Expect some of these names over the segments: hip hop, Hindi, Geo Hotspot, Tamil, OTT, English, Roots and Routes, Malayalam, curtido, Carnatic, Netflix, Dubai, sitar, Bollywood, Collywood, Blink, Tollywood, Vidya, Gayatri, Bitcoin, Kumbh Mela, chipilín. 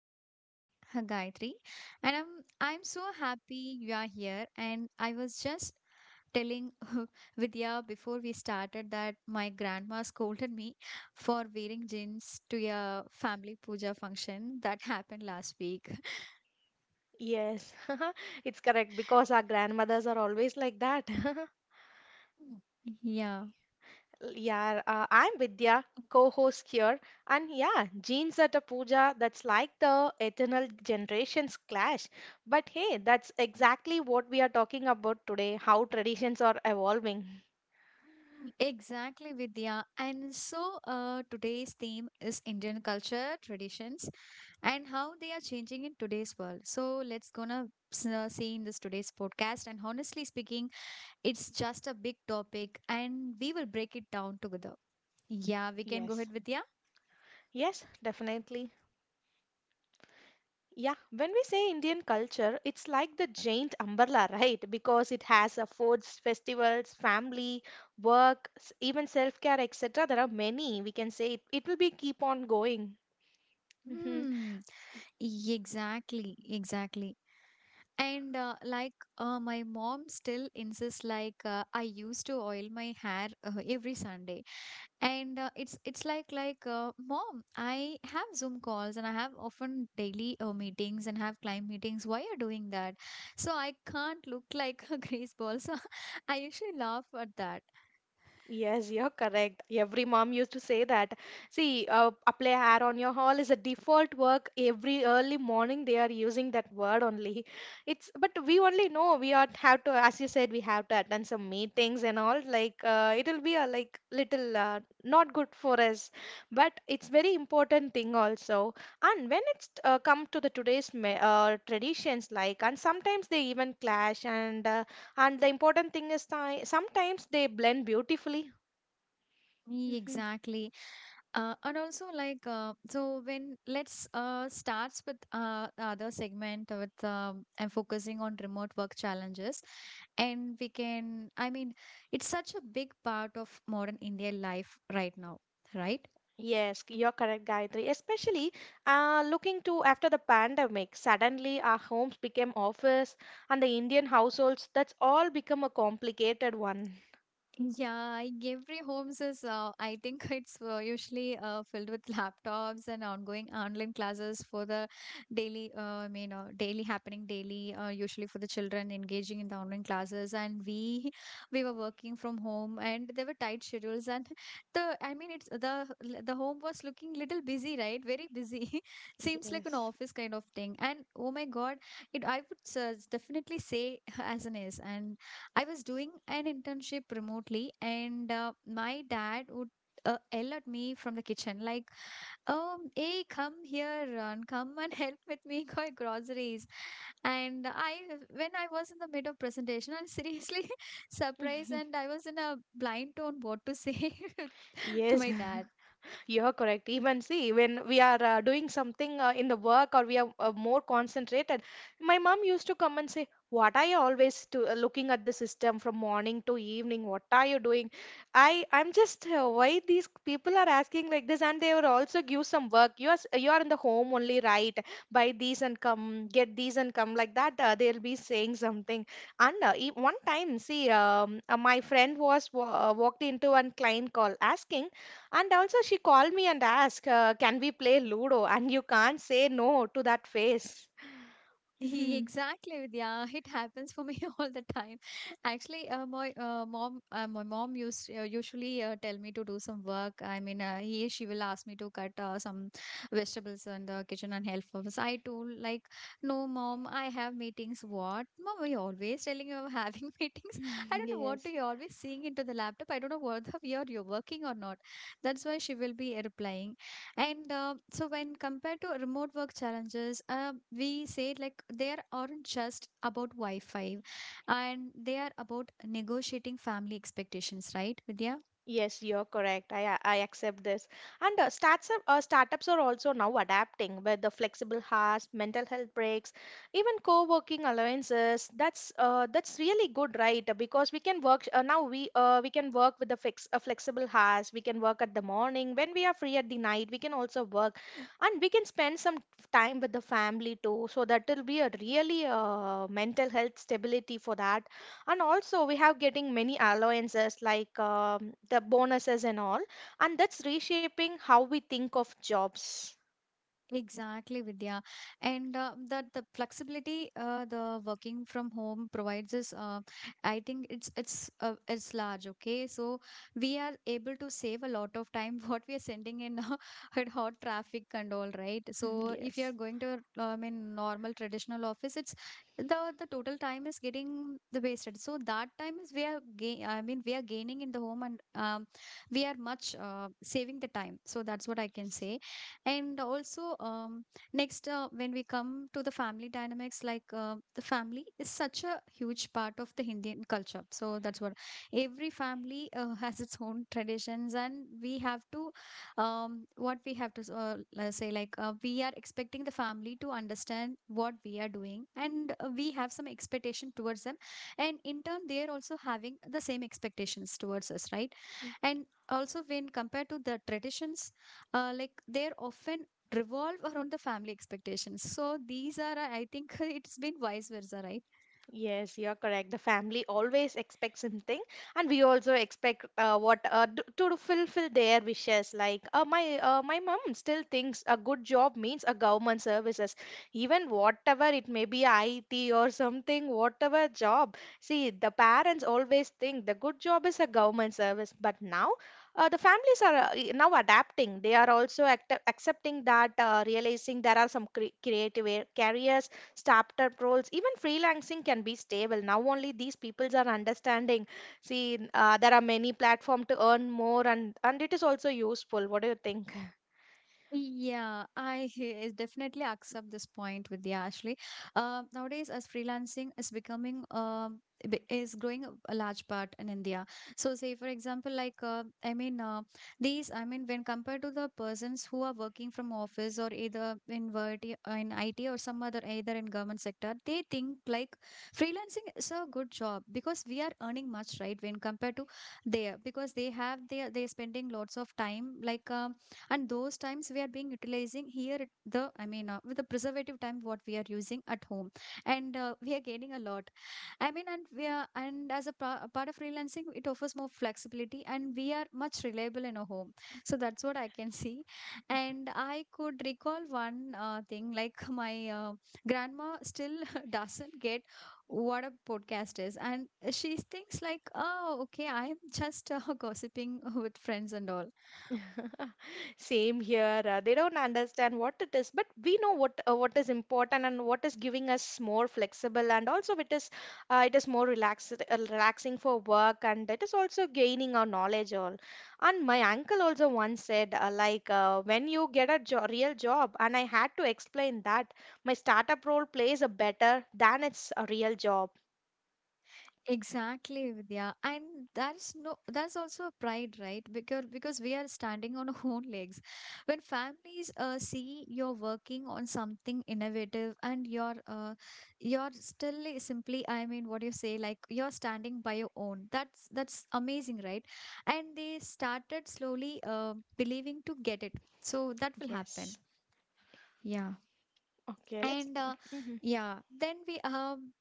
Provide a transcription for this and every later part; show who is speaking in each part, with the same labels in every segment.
Speaker 1: I'm your host Gayatri, and I'm so happy you are here. And I was just telling Vidya before we started that my grandma scolded me for wearing jeans to a family puja function that happened last week.
Speaker 2: Yes, it's correct because our grandmothers are always like that.
Speaker 1: Yeah.
Speaker 2: Yeah, I'm Vidya, co-host here, and yeah, jeans at a puja, that's like the eternal generations clash. But hey, that's exactly what we are talking about today, how traditions are evolving.
Speaker 1: Exactly, Vidya. And so today's theme is Indian culture, traditions, and how they are changing in today's world. So let's gonna see in this today's podcast. And honestly speaking, it's just a big topic, and we will break it down together. Yeah, we can go
Speaker 2: Yes,
Speaker 1: ahead with yeah.
Speaker 2: yes, definitely. Yeah, when we say Indian culture, it's like the giant umbrella, right? Because it has foods, festivals, family, work, even self-care, etc. There are many. We can say it will be keep on going. Mhm.
Speaker 1: Hmm. Exactly. Exactly. And my mom still insists like I used to oil my hair every Sunday and it's like mom, I have Zoom calls and I have often daily meetings and have client meetings. Why are you doing that? So I can't look like a grease ball, so I usually laugh at that.
Speaker 2: Yes, you're correct. Every mom used to say that. See, apply hair on your haul is a default work. Every early morning they are using that word only. It's but we only know we are have to, as you said, we have to attend some meetings and all. Like it'll be a like little not good for us, but it's very important thing also. And when it's come to the today's traditions, like and sometimes they even clash and. And the important thing is sometimes they blend beautifully.
Speaker 1: Yeah,
Speaker 2: Hmm.
Speaker 1: exactly. And also so when let's starts with the other segment with I'm focusing on remote work challenges and we can, I mean, it's such a big part of modern India life right now, right?
Speaker 2: Yes, you're correct, Gayatri. Especially looking to after the pandemic, suddenly our homes became office and the Indian households, that's all become a complicated one.
Speaker 1: Yeah, every homes is I think it's usually filled with laptops and ongoing online classes for the daily I mean daily happening daily usually for the children engaging in the online classes, and we we were working from home and there were tight schedules and the I mean it's the home was looking little busy, right? Very busy. Seems like an
Speaker 2: Yes.
Speaker 1: office kind of thing. And oh my God, it, I would definitely say, as an is, and I was doing an internship remotely, and my dad would yell at me from the kitchen, like, "Oh, hey, come here and come and help with me buy groceries." And I, when I was in the mid of presentation, I'm seriously surprised, and I was in a blind tone what to say to
Speaker 2: Yes.
Speaker 1: my dad.
Speaker 2: You're correct. Even see, when we are doing something in the work or we are more concentrated, my mom used to come and say, "What are you always to, looking at the system from morning to evening? What are you doing?" I'm just why these people are asking like this, and they will also give some work. You are you are in the home only, right? Buy these and come, get these and come like that. They'll be saying something. And one time, see, my friend was walked into one client call asking. And also, she called me and asked, can we play Ludo? And you can't say no to that face.
Speaker 1: Exactly, Vidya. It happens for me all the time. Actually, my mom used usually tell me to do some work. I mean, he she will ask me to cut some vegetables in the kitchen and help us. I told like, no, mom, I have meetings. What, mom? Are you always telling you are having meetings? I don't know what do
Speaker 2: Yes.
Speaker 1: you always seeing into the laptop. I don't know whether you're working or not. That's why she will be replying. And so, when compared to remote work challenges, we say like aren't just about Wi Fi, and they are about negotiating family expectations, right, Vidya?
Speaker 2: Yes, you're correct. I accept this. And startups are also now adapting with the flexible hours, mental health breaks, even co-working allowances. That's really good, right? Because we can work now. We can work with the fix flexible hours. We can work at the morning when we are free at the night. We can also work, and we can spend some time with the family too. So that will be a really mental health stability for that and also we have getting many allowances like the bonuses and all, and that's reshaping how we think of jobs.
Speaker 1: Exactly, Vidya. And that the flexibility, the working from home provides us, I think it's large. Okay, so we are able to save a lot of time. What we are sending in at hot traffic and all, right? So
Speaker 2: Mhm,
Speaker 1: if you are
Speaker 2: yes.
Speaker 1: going to, I mean, normal traditional office, it's the total time is getting the wasted. So that time is we are gain. I mean, we are gaining in the home, and we are much saving the time. So that's what I can
Speaker 2: Yes.
Speaker 1: say. And also, next when we come to the family dynamics, the family is such a huge part of the Indian culture. So that's what every family has its own traditions, and we have to, what we have to s- let say like we are expecting the family to understand what we are doing, and we have some expectation towards them, and in turn they are also having the same expectations towards us, right? And also when compared to the traditions, like they're often revolve around the family expectations. So these are, I think, it's been vice versa, right?
Speaker 2: Yes, you're correct. The family always expects something, and we also expect to fulfill their wishes. Like my mom still thinks a good job means a government services, even whatever it may be, IT or something, whatever job. See, the parents always think the good job is a government service, but now the families are now adapting. They are also act accepting that, realizing there are some creative careers, startup roles, even freelancing can be stable. Now only these peoples are understanding. See, there are many platform to earn more, and it is also useful. What do you think?
Speaker 1: Yeah, I definitely accept this point with you, Ashley. Nowadays, as freelancing is becoming is growing a large part in India. So, say for example, I mean, uh, when compared to the persons who are working from office, or either in IT or some other, either in government sector, they think like freelancing is a good job because we are earning much, right? When compared to there, because they have they are spending lots of time like. And those times we are being utilizing here at the, I mean, with the preservative time what we are using at home, and we are gaining a lot, I mean, and we are, and as a, a part of freelancing, it offers more flexibility and we are much reliable in a home. So that's what I can see. And I could recall one thing like, my grandma still doesn't get what a podcast is, and she thinks like, oh, okay, I'm just gossiping with friends and all.
Speaker 2: Same here. They don't understand what it is, but we know what is important and what is giving us more flexible, and also it is more relaxed, relaxing for work, and it is also gaining our knowledge all. And my uncle also once said, when you get a jo real job, and I had to explain that my startup role plays a better than its a real job.
Speaker 1: Exactly, Vidya. And that's no that's also a pride, right? Because we are standing on our own legs. When families see you're working on something innovative, and you're, you're still simply, I mean, what do you say, like you're standing by your own. That's amazing, right? And they started slowly believing to get it. So that will
Speaker 2: Yes.
Speaker 1: happen. Yeah.
Speaker 2: Okay. Let's.
Speaker 1: and uh,
Speaker 2: Mhm.
Speaker 1: yeah then we um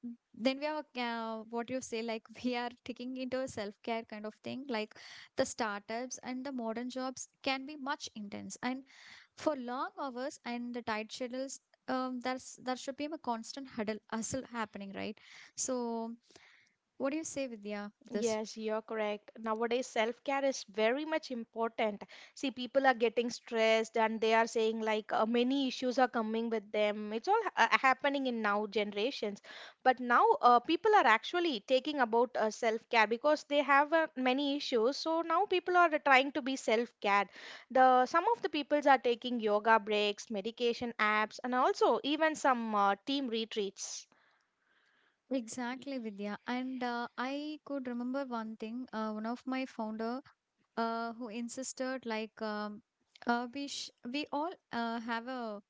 Speaker 1: then we are, what you say, like we are taking into a self care kind of thing, like the startups and the modern jobs can be much intense and for long hours and the tight schedules. Um, there should be a constant huddle hustle happening, right? So what do you say, Vidya, this?
Speaker 2: Yes, you're correct. Nowadays, self-care is very much important. See, people are getting stressed and they are saying like many issues are coming with them. It's all happening in now generations. But now people are actually taking about self-care because they have many issues. So now people are trying to be self-cared. The some of the peoples are taking yoga breaks, medication apps, and also even some team retreats.
Speaker 1: Exactly, Vidya. And I could remember one thing. One of my founder who insisted like, we sh we all have a,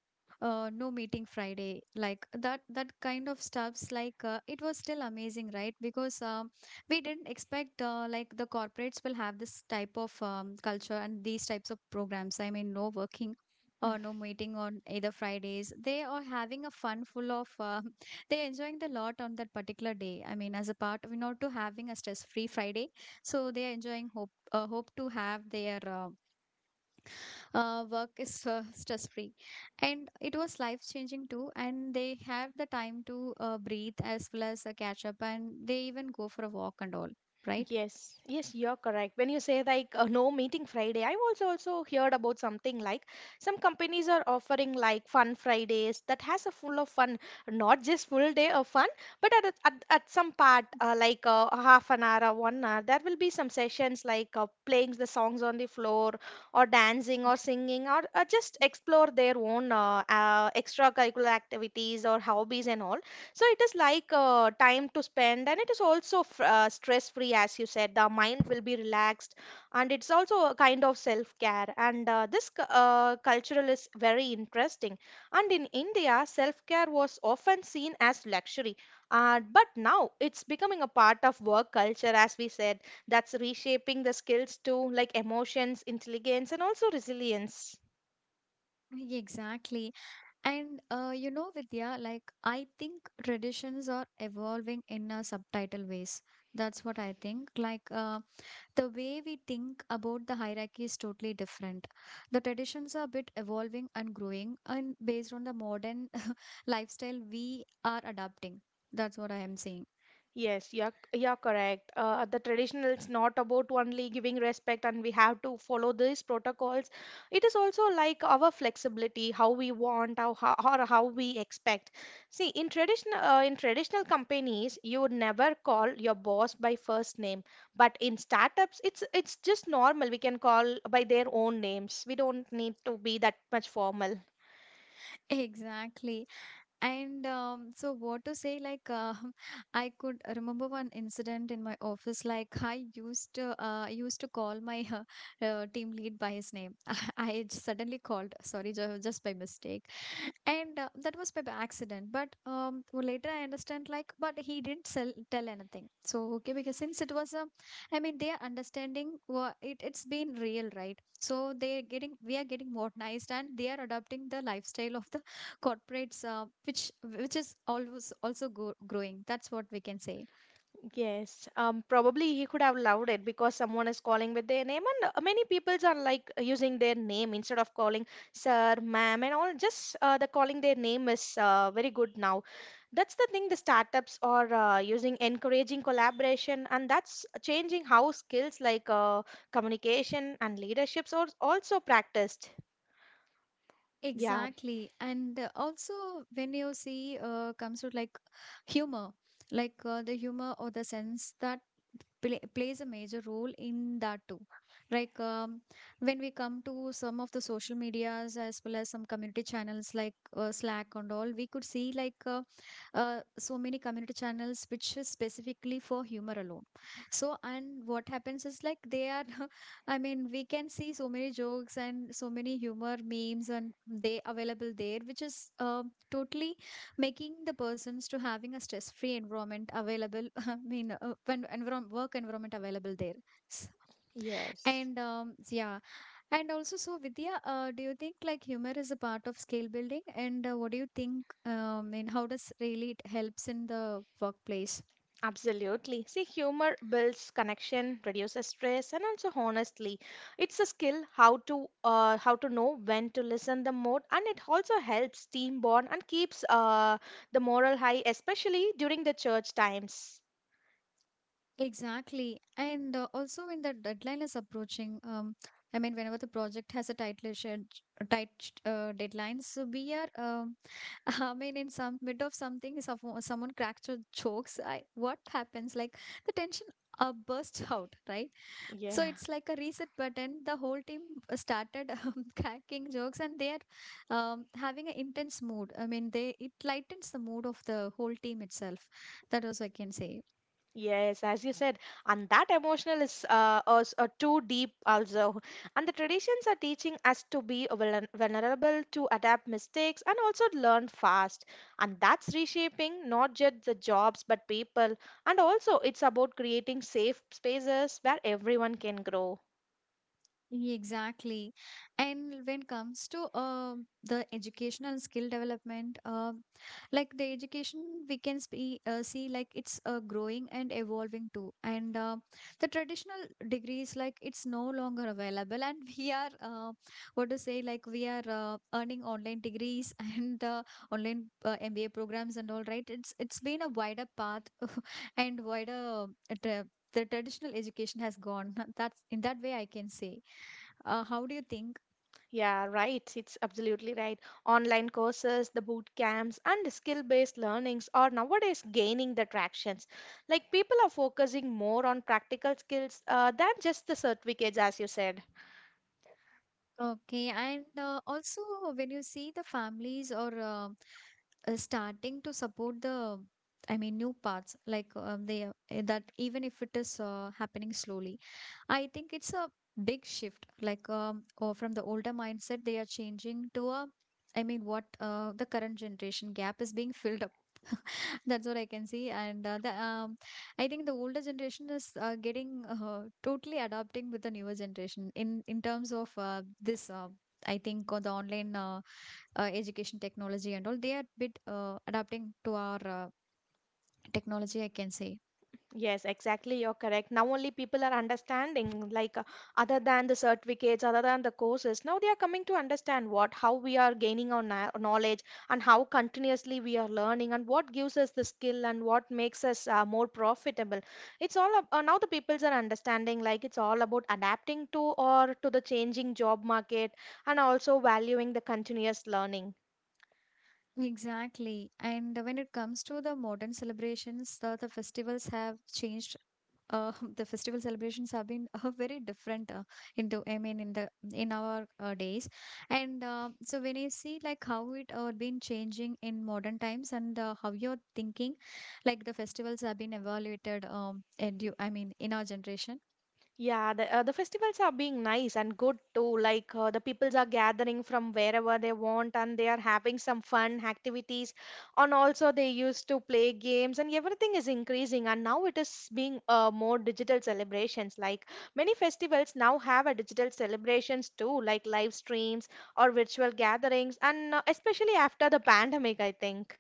Speaker 1: no meeting Friday, like that kind of stuffs, it was still amazing, right? Because we didn't expect like the corporates will have this type of culture and these types of programs. I mean, no working or no meeting on either Fridays. They are having a fun full of they're enjoying the lot on that particular day. I mean, as a part of, you know, to having a stress-free Friday. So they are enjoying hope, hope to have their work is stress-free. And it was life-changing too. And they have the time to breathe as well as catch up. And they even go for a walk and all, right?
Speaker 2: Yes, yes, you're correct. When you say like no meeting Friday, I've also heard about something like some companies are offering like fun Fridays that has a full of fun, not just full day of fun, but at at some part a half an hour or 1 hour, there will be some sessions like playing the songs on the floor or dancing or singing or just explore their own extracurricular activities or hobbies and all. So it is like time to spend and it is also stress free. As you said, the mind will be relaxed and it's also a kind of self care. And cultural is very interesting, and in India self care was often seen as luxury, but now it's becoming a part of work culture, as we said. That's reshaping the skills too, like emotions intelligence and also resilience.
Speaker 1: Yeah, exactly. And you know, Vidya, like I think traditions are evolving in a subtitle ways. That's what I think. The way we think about the hierarchy is totally different. The traditions are a bit evolving and growing, and based on the modern lifestyle we are adapting. That's what I am saying.
Speaker 2: Yes, you're correct. The traditional it's not about only giving respect and we have to follow these protocols. It is also like our flexibility, how we want or how we expect. See, in traditional companies, you would never call your boss by first name, but in startups, it's just normal. We can call by their own names. We don't need to be that much formal.
Speaker 1: Exactly. And so, what to say? Like, I could remember one incident in my office. Like, I used to call my team lead by his name. I suddenly called, sorry, just by mistake, and that was by accident. But later I understand like, but he didn't tell anything. So okay, because since it was a, I mean, they are understanding what it's been real, right? So they are getting, we are getting modernized and they are adopting the lifestyle of the corporates, which is always also growing. That's what we can say.
Speaker 2: Yes, probably he could have loved it because someone is calling with their name, and many peoples are like using their name instead of calling sir, ma'am, and all. Just the calling their name is very good now. That's the thing. The startups are using encouraging collaboration, and that's changing how skills like communication and leaderships are also practiced. Yeah.
Speaker 1: Exactly. And also, when you see, comes to like humor, the humor or the sense that plays a major role in that too. Like when we come to some of the social medias, as well as some community channels like Slack and all, we could see like, so many community channels which is specifically for humor alone. So, and what happens is like, they are I mean, we can see so many jokes and so many humor memes and they available there, which is totally making the persons to having a stress-free environment available. I mean, when environment, work environment available there. S-
Speaker 2: Yes.
Speaker 1: And yeah, and also so Vidya, do you think like humor is a part of skill building? And what do you think? And how does really it helps in the workplace?
Speaker 2: Absolutely. See, humor builds connection, reduces stress, and also honestly, it's a skill how to know when to listen the more, and it also helps team bond and keeps the moral high, especially during the church times.
Speaker 1: Exactly. And Also, when the deadline is approaching, whenever the project has a tight deadline, so we are in some mid of something, someone cracks your jokes. What happens? Like the tension bursts out, right? So
Speaker 2: Yeah.
Speaker 1: it's like a reset button. The whole team started cracking jokes, and they are having an intense mood. I mean, they it lightens the mood of the whole team itself. That also I can say.
Speaker 2: Yes, as you said, and that emotional is too deep also. And the traditions are teaching us to be vulnerable, to adapt mistakes, and also learn fast. And that's reshaping not just the jobs but people. And also, it's about creating safe spaces where everyone can grow.
Speaker 1: Exactly. And when it comes to the educational skill development, like the education, we can see, see like it's growing and evolving too. And the traditional degrees, like it's no longer available. And we are, what to say, like we are earning online degrees and online MBA programs and all right. It's been a wider path and wider the traditional education has gone. That's in that way I can say. How do you think?
Speaker 2: Yeah, right. It's absolutely right. Online courses, the boot camps, and the skill-based learnings are nowadays gaining the tractions. Like people are focusing more on practical skills than just the certificates, as you said.
Speaker 1: Okay, and also when you see the families or starting to support the, I mean, new paths like they that even if it is happening slowly, I think it's a big shift, like or from the older mindset they are changing to a, I mean, what the current generation gap is being filled up. That's what I can see, and the I think the older generation is getting totally adapting with the newer generation in terms of this. I think the online education technology and all, they are bit adapting to our technology, I can say.
Speaker 2: Yes, exactly. You're correct. Now only people are understanding, like other than the certificates, other than the courses, now they are coming to understand what, how we are gaining our knowledge and how continuously we are learning and what gives us the skill and what makes us more profitable. It's all now the peoples are understanding, like it's all about adapting to or to the changing job market and also valuing the continuous learning.
Speaker 1: Exactly. And when it comes to the modern celebrations, the festivals have changed. The festival celebrations have been very different in the, I mean, in our days, and so when you see like how it been changing in modern times and how you're thinking, like the festivals have been evaluated and you, I mean, in our generation.
Speaker 2: Yeah, the festivals are being nice and good too. Like the peoples are gathering from wherever they want and they are having some fun activities. And also they used to play games and everything is increasing. And now it is being more digital celebrations. Like many festivals now have a digital celebrations too, like live streams or virtual gatherings. And especially after the pandemic, I think.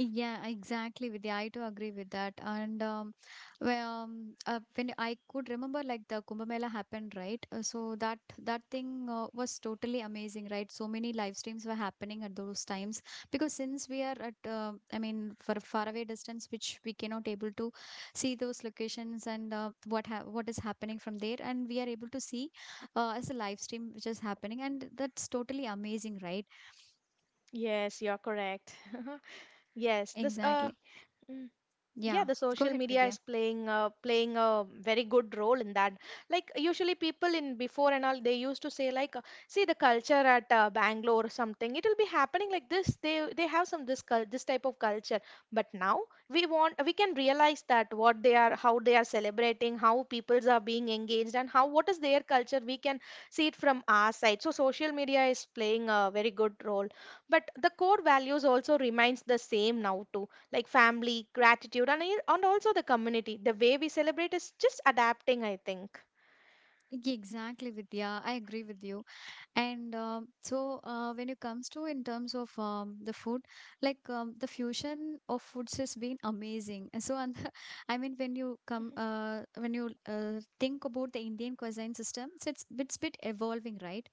Speaker 1: Yeah, exactly, Vidya. I do agree with that. And when I could remember, like the Kumbh Mela happened, right? So that thing was totally amazing, right? So many live streams were happening at those times because since we are at, I mean, for a faraway distance, which we cannot able to see those locations and what is happening from there, and we are able to see as a live stream which is happening, and that's totally amazing, right?
Speaker 2: Yes, you're correct. Yes, this.
Speaker 1: Exactly.
Speaker 2: Yeah,
Speaker 1: Yeah.
Speaker 2: the
Speaker 1: Go
Speaker 2: social
Speaker 1: ahead,
Speaker 2: media
Speaker 1: Vidya.
Speaker 2: is playing a very good role in that. Like usually people in before and all, they used to say like, see the culture at Bangalore or something. It will be happening like this. They have some this type of culture. But now we can realize that what they are, how they are celebrating, how peoples are being engaged, and how what is their culture. We can see it from our side. So social media is playing a very good role. But the core values also remains the same now too, like family, gratitude, and also the community. The way we celebrate is just adapting, I think.
Speaker 1: Exactly, Vidya. I agree with you. And so, when it comes to in terms of the food, like the fusion of foods has been amazing. And so, and I mean, when you come, when you think about the Indian cuisine system, so it's bit evolving, right?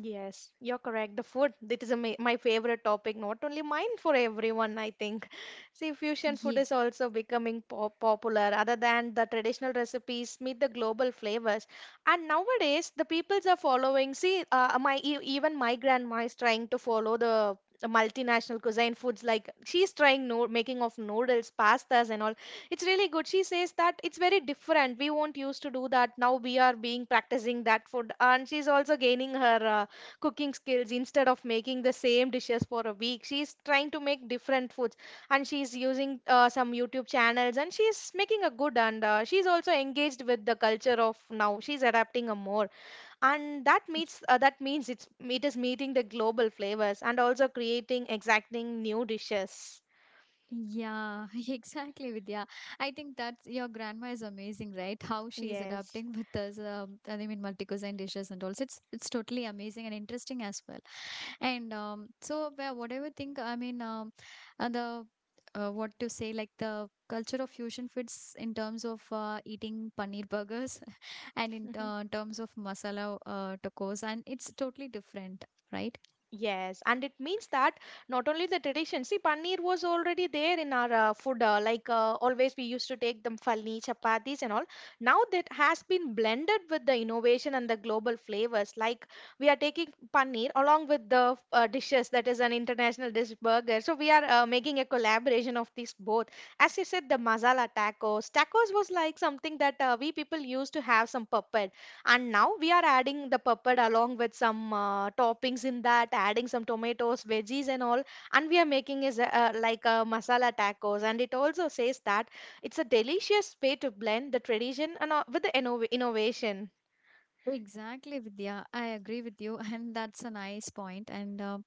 Speaker 2: Yes, you're correct. The food, it is a ma my favorite topic, not only mine, for everyone, I think. See, fusion
Speaker 1: Yeah.
Speaker 2: food is also becoming popular. Other than the traditional recipes, meet the global flavors. And nowadays, the peoples are following. See, even my grandma is trying to follow the multinational cuisine foods. Like she's trying no making of noodles, pastas, and all. It's really good. She says that it's very different. We won't used to do that. Now we are being practicing that food, and she's also gaining her. Cooking skills instead of making the same dishes for a week, she's trying to make different foods, and she's using some YouTube channels, and she's making a good, and she's also engaged with the culture of now she's adapting a more, and that meets that means it's it is meeting the global flavors and also creating exacting new dishes.
Speaker 1: Yeah, exactly, Vidya. I think that's your grandma is amazing, right? How she's
Speaker 2: Yes.
Speaker 1: adapting with us, I mean, multi-cuisine dishes, and also it's totally amazing and interesting as well. And so where whatever think, I mean, the what to say, like the culture of fusion fits in terms of eating paneer burgers and in terms of masala tacos, and it's totally different, right?
Speaker 2: Yes, and it means that not only the tradition, see, paneer was already there in our food, like always we used to take them falni, chapatis, and all. Now that has been blended with the innovation and the global flavors. Like we are taking paneer along with the dishes, that is an international dish burger. So we are making a collaboration of these both. As you said, the masala tacos. Tacos was like something that we people used to have some pepper. And now we are adding the papad along with some toppings in that, adding some tomatoes, veggies, and all. And we are making is like a masala tacos. And it also says that it's a delicious way to blend the tradition and with the innovation.
Speaker 1: Exactly, Vidya. I agree with you, and that's a nice point. And uh,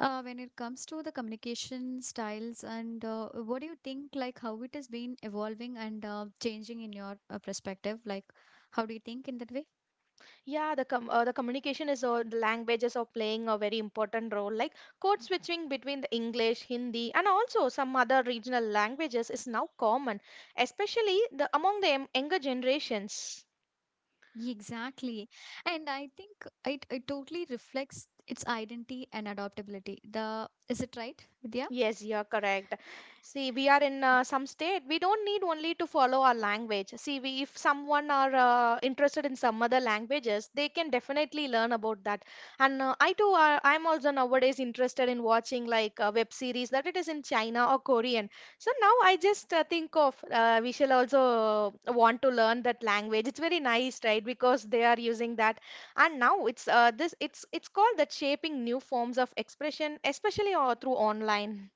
Speaker 1: uh, when it comes to the communication styles, and what do you think, like how it has been evolving and changing in your perspective? Like, how do you think in that way?
Speaker 2: Yeah, the communication is all the languages are playing a very important role. Like code switching between the English, Hindi, and also some other regional languages is now common, especially the among the younger generations.
Speaker 1: Exactly. And I think it totally reflects its identity and adaptability. The is it right, Vidya?
Speaker 2: Yes, you're correct. See, we are in some state. We don't need only to follow our language. See, we, if someone are interested in some other languages, they can definitely learn about that. And I too, I'm also nowadays interested in watching like web series that it is in China or Korean. So now I just think of we shall also want to learn that language. It's very nice, right? Because they are using that, and now it's this it's called that shaping new forms of expression, especially through online.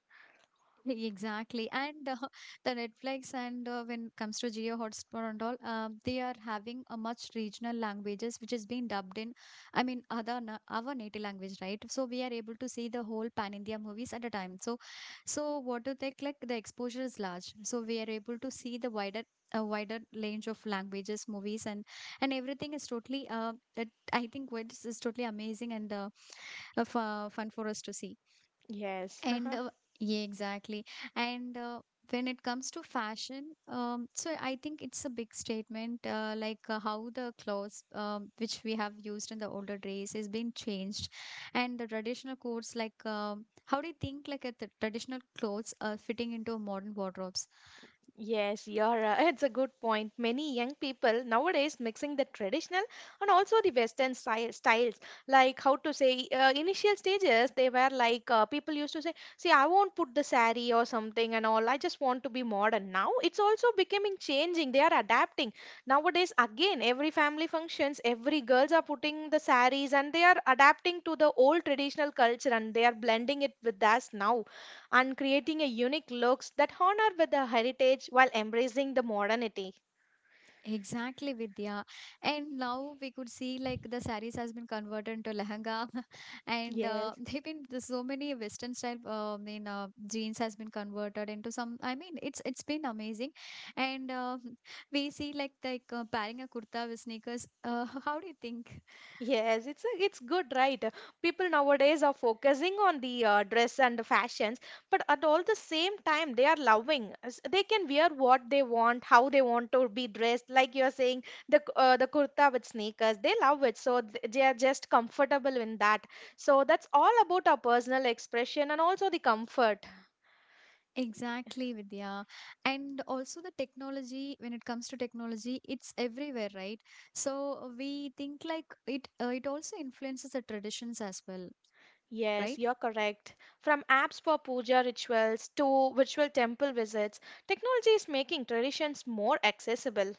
Speaker 1: Exactly. And the Netflix and when it comes to Geo Hotspot and all, they are having a much regional languages which is being dubbed in, I mean, other na our native language, right? So we are able to see the whole pan-India movies at a time. So, so what do they like? The exposure is large. So we are able to see the wider a wider range of languages, movies, and everything is totally I think what is totally amazing and fun for us to see.
Speaker 2: Yes,
Speaker 1: And yeah, exactly. And when it comes to fashion, so I think it's a big statement, like how the clothes which we have used in the older days is being changed, and the traditional clothes, like how do you think like the traditional clothes are fitting into modern wardrobes?
Speaker 2: yes, you're it's a good point. Many young people nowadays mixing the traditional and also the Western styles. Like how to say, initial stages they were like people used to say, "See, I won't put the sari or something and all. I just want to be modern." Now it's also becoming changing. They are adapting nowadays. Again, every family functions, every girls are putting the saris and they are adapting to the old traditional culture and they are blending it with us now and creating a unique looks that honor with the heritage while embracing the modernity.
Speaker 1: Exactly, Vidya. And now we could see like the saris has been converted into lehenga, and
Speaker 2: Yes.
Speaker 1: they've been there's so many Western style. I mean, jeans has been converted into some. I mean, it's been amazing, and we see like pairing a kurta with sneakers. How do you think?
Speaker 2: Yes, it's a, it's good, right? People nowadays are focusing on the dress and the fashions, but at all the same time, they are loving. As- They can wear what they want, how they want to be dressed. Like you're saying, the the kurta with sneakers, they love it, so they are just comfortable in that. So that's all about our personal expression and also the comfort.
Speaker 1: Exactly, Vidya. And also the technology. When it comes to technology, it's everywhere, right? So we think like it. It also influences the traditions as well,
Speaker 2: Yes,
Speaker 1: right?
Speaker 2: you're correct. From apps for puja rituals to virtual temple visits, technology is making traditions more accessible.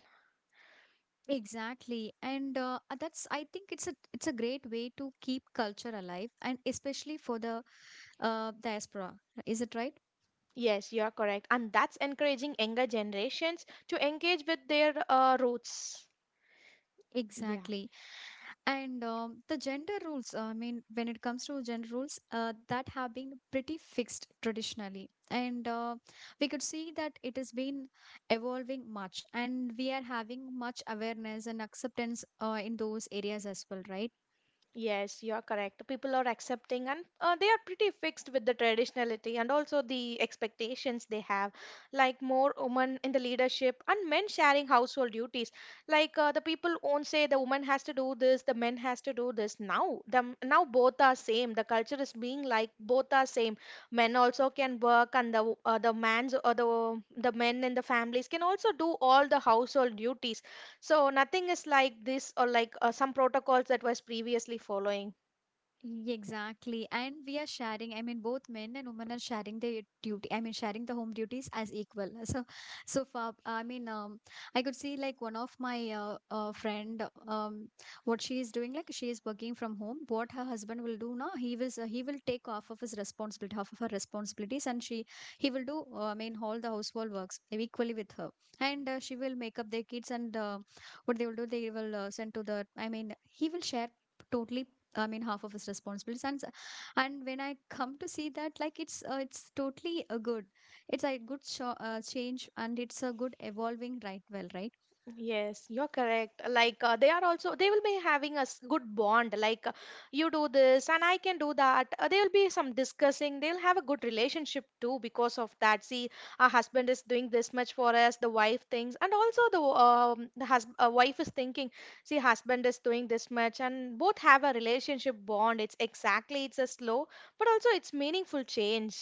Speaker 1: Exactly. And that's I think it's a great way to keep culture alive and especially for the diaspora. Is it right?
Speaker 2: Yes, you're correct. And that's encouraging younger generations to engage with their roots. Yeah.
Speaker 1: Exactly. And the gender rules, I mean, when it comes to gender rules, that have been pretty fixed traditionally. And we could see that it has been evolving much, and we are having much awareness and acceptance in those areas as well, right?
Speaker 2: Yes, you are correct. People are accepting and they are pretty fixed with the traditionality and also the expectations they have, like more women in the leadership and men sharing household duties. Like the people won't say the woman has to do this, the men has to do this. Now, the now both are same. The culture is being like both are same. Men also can work and the man's or the men in the families can also do all the household duties. So nothing is like this or like some protocols that was previously following.
Speaker 1: Exactly. And we are sharing, I mean, both men and women are sharing their duty, I mean, sharing the home duties as equal. So, so far, I mean, I could see like one of my friend, what she is doing, like she is working from home. What her husband will do now, he will take off of his responsibility, half of her responsibilities, and he will do, I mean, all the household works equally with her. And she will make up their kids and what they will do, they will send to the, I mean, he will share totally, I mean, half of his responsibilities, and when I come to see that, like it's totally a good, it's a good change, and it's a good evolving right, well, right.
Speaker 2: Yes, you're correct. Like they are also they will be having a good bond. Like you do this and I can do that. There will be some discussing. They'll have a good relationship too because of that. See, our husband is doing this much for us. The wife thinks, and also the wife is thinking, see, husband is doing this much, and both have a relationship bond. It's exactly it's a slow, but also it's meaningful change.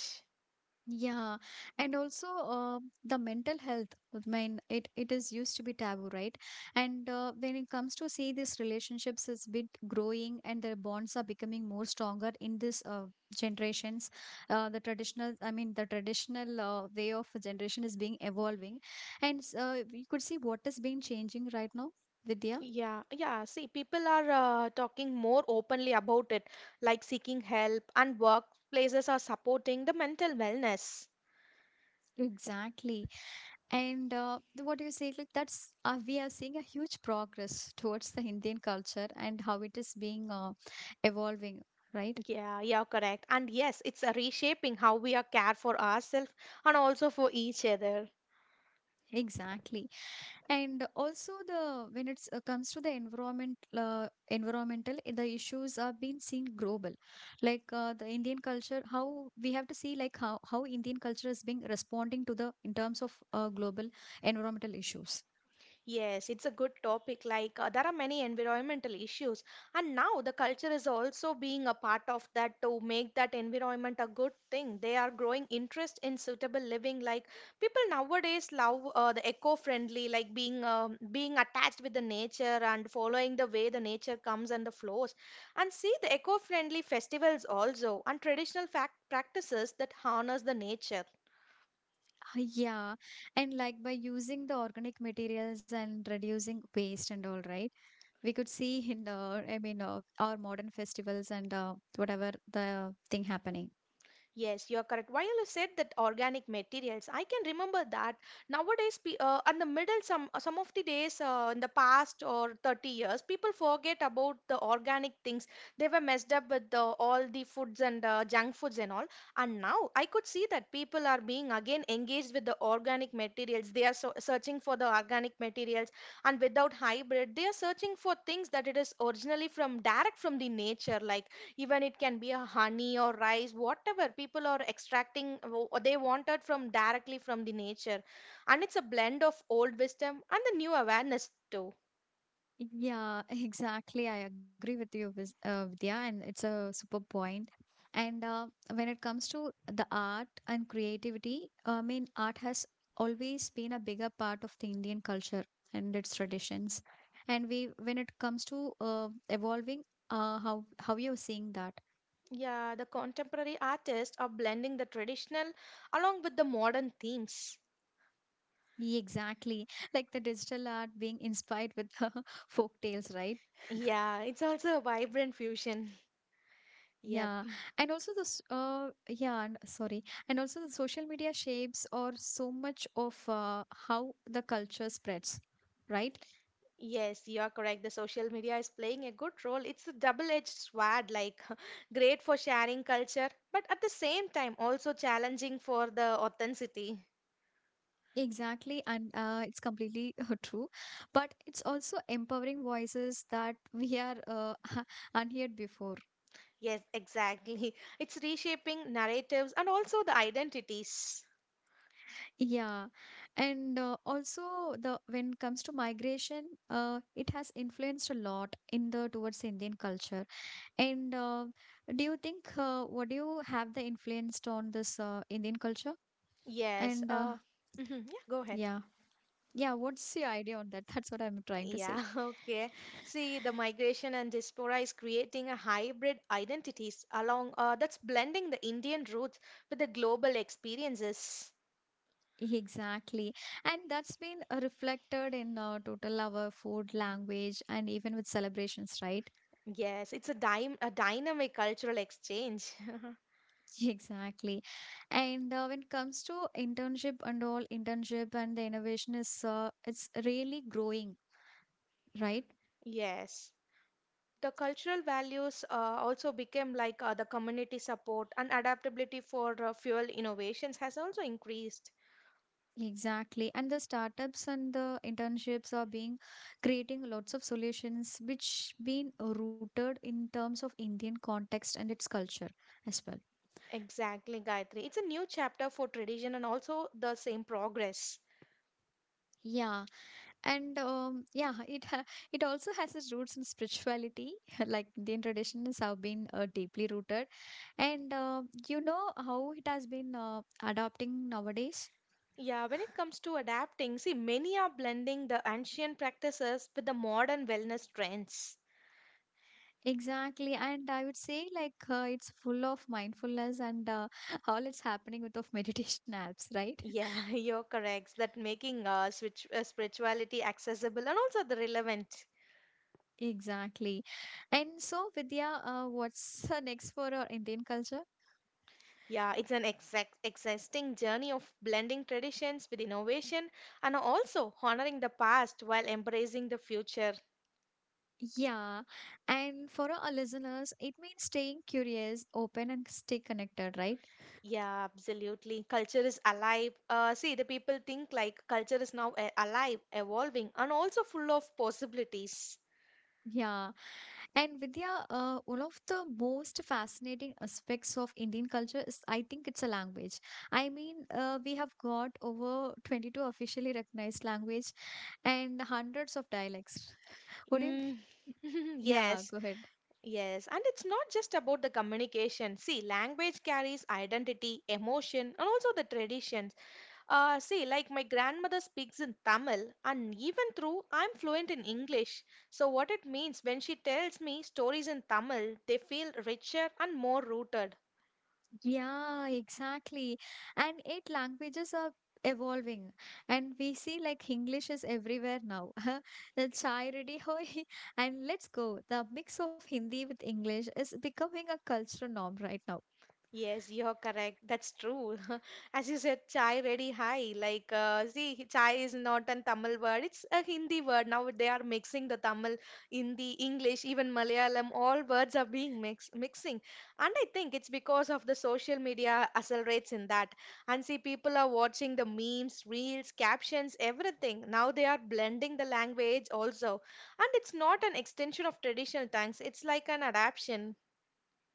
Speaker 1: Yeah, and also the mental health. I mean, it is used to be taboo, right? And when it comes to see these relationships is bit growing, and their bonds are becoming more stronger in this generations. The traditional, I mean, the traditional way of a generation is being evolving, and we could see what is being changing right now, Vidya.
Speaker 2: Yeah, yeah. See, people are talking more openly about it, like seeking help, and workplaces are supporting the mental wellness.
Speaker 1: Exactly. And what you say, like that's we are seeing a huge progress towards the Indian culture and how it is being evolving, right?
Speaker 2: Yeah, yeah, correct. And yes, it's a reshaping how we are care for ourselves and also for each other.
Speaker 1: Exactly. And also the when it comes to the environment, the issues are being seen global. Like the Indian culture, how we have to see like how Indian culture is being responding to the in terms of global environmental issues.
Speaker 2: Yes, it's a good topic. Like, there are many environmental issues, and now the culture is also being a part of that to make that environment a good thing. They are growing interest in suitable living. Like, people nowadays love the eco-friendly, like being attached with the nature and following the way the nature comes and the flows. And see the eco-friendly festivals also and traditional fact practices that harness the nature.
Speaker 1: Yeah, and like by using the organic materials and reducing waste and all, right? We could see in the, I mean, our modern festivals and whatever the thing happening.
Speaker 2: Yes, you are correct. While you said that organic materials, I can remember that nowadays, in the middle, some of the days in the past or 30 years, people forget about the organic things. They were messed up with the, all the foods and junk foods and all. And now I could see that people are being again engaged with the organic materials. They are so searching for the organic materials, and without hybrid, they are searching for things that it is originally from direct from the nature, like even it can be a honey or rice whatever people are extracting they wanted from directly from the nature, and it's a blend of old wisdom and the new awareness too.
Speaker 1: Yeah, exactly. I agree with you, Vidya, and it's a super point. And when it comes to the art and creativity, I mean, art has always been a bigger part of the Indian culture and its traditions. And we, when it comes to evolving, how you're seeing that?
Speaker 2: Yeah, the contemporary artists are blending the traditional along with the modern themes.
Speaker 1: Yeah, exactly, like the digital art being inspired with the folk tales, right?
Speaker 2: Yeah, it's also a vibrant fusion. Yep.
Speaker 1: Yeah, and also yeah, sorry, and also the social media shapes or so much of how the culture spreads, right?
Speaker 2: Yes, you are correct. The social media is playing a good role. It's a double-edged sword, like great for sharing culture, but at the same time also challenging for the authenticity.
Speaker 1: Exactly, and it's completely true, but it's also empowering voices that we are unheard before.
Speaker 2: Yes, exactly. It's reshaping narratives and also the identities.
Speaker 1: Yeah, and also the when it comes to migration, it has influenced a lot in the towards Indian culture. And do you think what do you have the influenced on this Indian culture?
Speaker 2: Yes.
Speaker 1: And
Speaker 2: Mhm, Yeah, go ahead.
Speaker 1: yeah, yeah, what's your idea on that? That's what I'm trying to say.
Speaker 2: Yeah, okay. See, the migration and diaspora is creating a hybrid identities along that's blending the Indian roots with the global experiences.
Speaker 1: Exactly. And that's been reflected in total our food, language, and even with celebrations, right?
Speaker 2: Yes, it's a dy a dynamic cultural exchange.
Speaker 1: Exactly. And when it comes to internship and all, internship and the innovation is it's really growing, right?
Speaker 2: Yes. The cultural values also became like the community support and adaptability for fuel innovations has also increased.
Speaker 1: Exactly. And the startups and the internships are being creating lots of solutions which been rooted in terms of Indian context and its culture as well.
Speaker 2: Exactly, Gayatri. It's a new chapter for tradition and also the same progress.
Speaker 1: Yeah. And yeah, it ha It also has its roots in spirituality, like Indian traditions have been deeply rooted. And You know how it has been adopting nowadays?
Speaker 2: Yeah, when it comes to adapting, see, many are blending the ancient practices with the modern wellness trends.
Speaker 1: Exactly, and I would say like it's full of mindfulness and all it's happening with of meditation apps, right?
Speaker 2: Yeah, you're correct. That making switch, spirituality accessible and also the relevant.
Speaker 1: Exactly. And so, Vidya, what's next for our Indian culture?
Speaker 2: Yeah, it's an exact, existing journey of blending traditions with innovation and also honoring the past while embracing the future.
Speaker 1: Yeah, and for our listeners, it means staying curious, open, and stay connected, right?
Speaker 2: Yeah, absolutely. Culture is alive. See, the people think like culture is now alive, evolving, and also full of possibilities.
Speaker 1: Yeah. And Vidya, one of the most fascinating aspects of Indian culture is, I think, it's a language. I mean, we have got over 22 officially recognized language and hundreds of dialects. What do you mean?
Speaker 2: Mm.
Speaker 1: Yeah,
Speaker 2: Yes,
Speaker 1: go ahead.
Speaker 2: yes. And it's not just about the communication. See, language carries identity, emotion, and also the traditions. See, like my grandmother speaks in Tamil, and even through I'm fluent in English. So, what it means when she tells me stories in Tamil, they feel richer and more rooted.
Speaker 1: Yeah, exactly. And 8 languages are evolving. And we see like English is everywhere now. The chai ready hoi. And let's go. The mix of Hindi with English is becoming a cultural norm right now.
Speaker 2: Yes, you're correct. That's true. As you said, chai ready high. Like, see, chai is not an Tamil word, it's a Hindi word. Now they are mixing the Tamil, Hindi, English, even Malayalam, all words are being mixing. And I think it's because of the social media accelerates in that. And see, people are watching the memes, reels, captions, everything. Now they are blending the language also. And it's not an extension of traditional tongues, it's like an adaptation.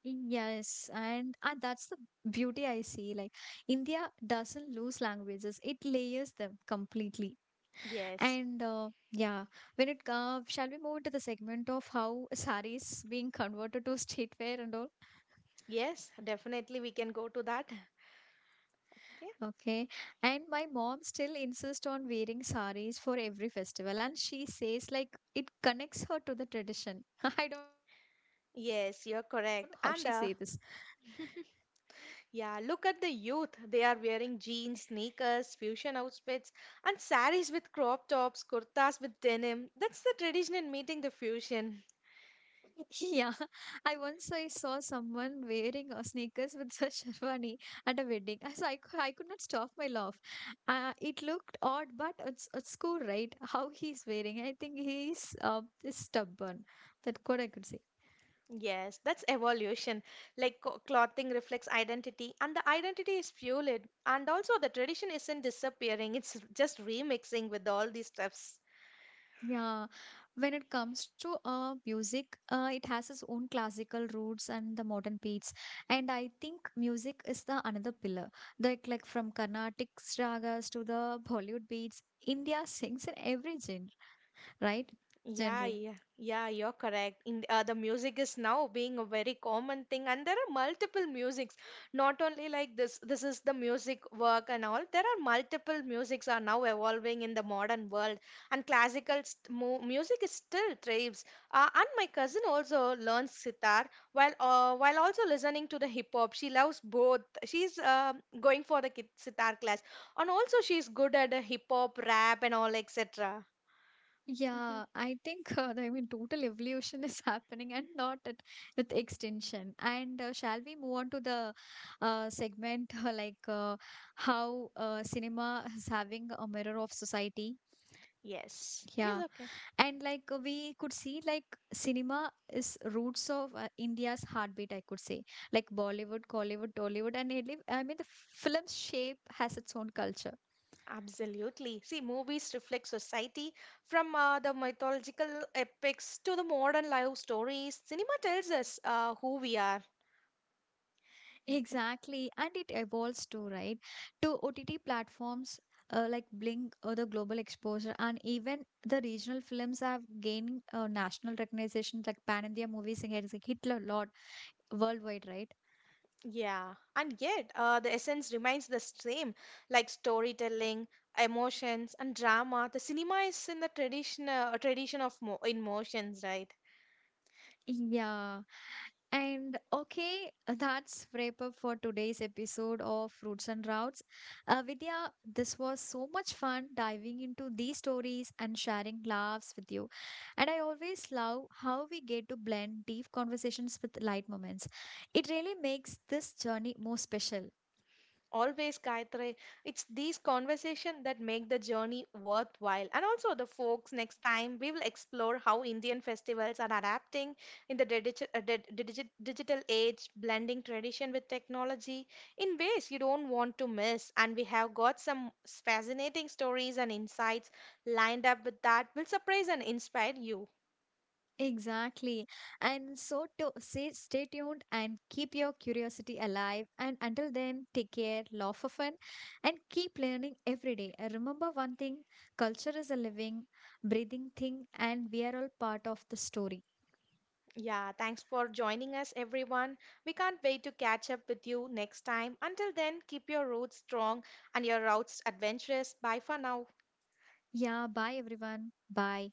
Speaker 1: Yes, and that's the beauty I see. Like India doesn't lose languages, it layers them completely.
Speaker 2: Yes.
Speaker 1: And uh, yeah, when it shall we move to the segment of how saris being converted to streetwear and all?
Speaker 2: Yes, definitely we can go to that. Okay.
Speaker 1: Okay. And my mom still insists on wearing saris for every festival. And she says, like, it connects her to the tradition. I don't know how she say this.
Speaker 2: Yes, you're correct. And yeah, look at the youth. They are wearing jeans, sneakers, fusion outfits, and saris with crop tops, kurtas with denim. That's the tradition in meeting the fusion.
Speaker 1: Yeah. I once I saw someone wearing sneakers with a sherwani at a wedding. So I could not stop my laugh. It looked odd, but it's cool, right? How he's wearing. I think he's is stubborn. That could I could say.
Speaker 2: Yes, that's evolution. Like clothing reflects identity, and the identity is fueled. And also, the tradition isn't disappearing, it's just remixing with all these stuff.
Speaker 1: Yeah, when it comes to music, it has its own classical roots and the modern beats. And I think music is the another pillar. Like from Carnatic ragas to the Bollywood beats, India sings in every genre, right?
Speaker 2: Yeah,
Speaker 1: Genre.
Speaker 2: yeah, yeah, you're correct. In the music is now being a very common thing, and there are multiple musics. Not only like this is the music work and all. There are multiple musics are now evolving in the modern world, and classical st mu music is still thrives. And my cousin also learns sitar while also listening to the hip hop. She loves both. She's going for the sitar class, and also she's good at the hip hop, rap, and all etc.
Speaker 1: Yeah, I think I mean total evolution is happening and not at, with extension. And shall we move on to the segment like how cinema is having a mirror of society?
Speaker 2: Yes. Yes,
Speaker 1: Yeah,
Speaker 2: okay.
Speaker 1: and like we could see, like cinema is roots of India's heartbeat. I could say, like Bollywood, Collywood, Tollywood, and Italy. I mean, the film shape has its own culture.
Speaker 2: Absolutely. See, movies reflect society from the mythological epics to the modern life stories. Cinema tells us who we are.
Speaker 1: Exactly, and it evolves too, right? To OTT platforms like Blink or the global exposure, and even the regional films have gained national recognition. Like Pan India movies and has hit a lot worldwide, right?
Speaker 2: Yeah. And yet, the essence remains the same, like storytelling, emotions, and drama. The cinema is in the tradition, tradition of mo in motions, right?
Speaker 1: Yeah. And okay, that's wrap up for today's episode of Roots and Routes. Vidya, this was so much fun diving into these stories and sharing laughs with you. And I always love how we get to blend deep conversations with light moments. It really makes this journey more special.
Speaker 2: Always, Gayatri. It's these conversations that make the journey worthwhile. And also, the folks, next time we will explore how Indian festivals are adapting in the digital age, blending tradition with technology in ways you don't want to miss. And we have got some fascinating stories and insights lined up with that will surprise and inspire you.
Speaker 1: Exactly. And so to say, stay tuned and keep your curiosity alive. And until then, take care, laugh for fun, and keep learning every day. And remember one thing culture is a living, breathing thing, and we are all part of the story.
Speaker 2: Yeah, thanks for joining us, everyone. We can't wait to catch up with you next time. Until then, keep your roots strong and your routes adventurous. Bye for now.
Speaker 1: Yeah, bye everyone. Bye.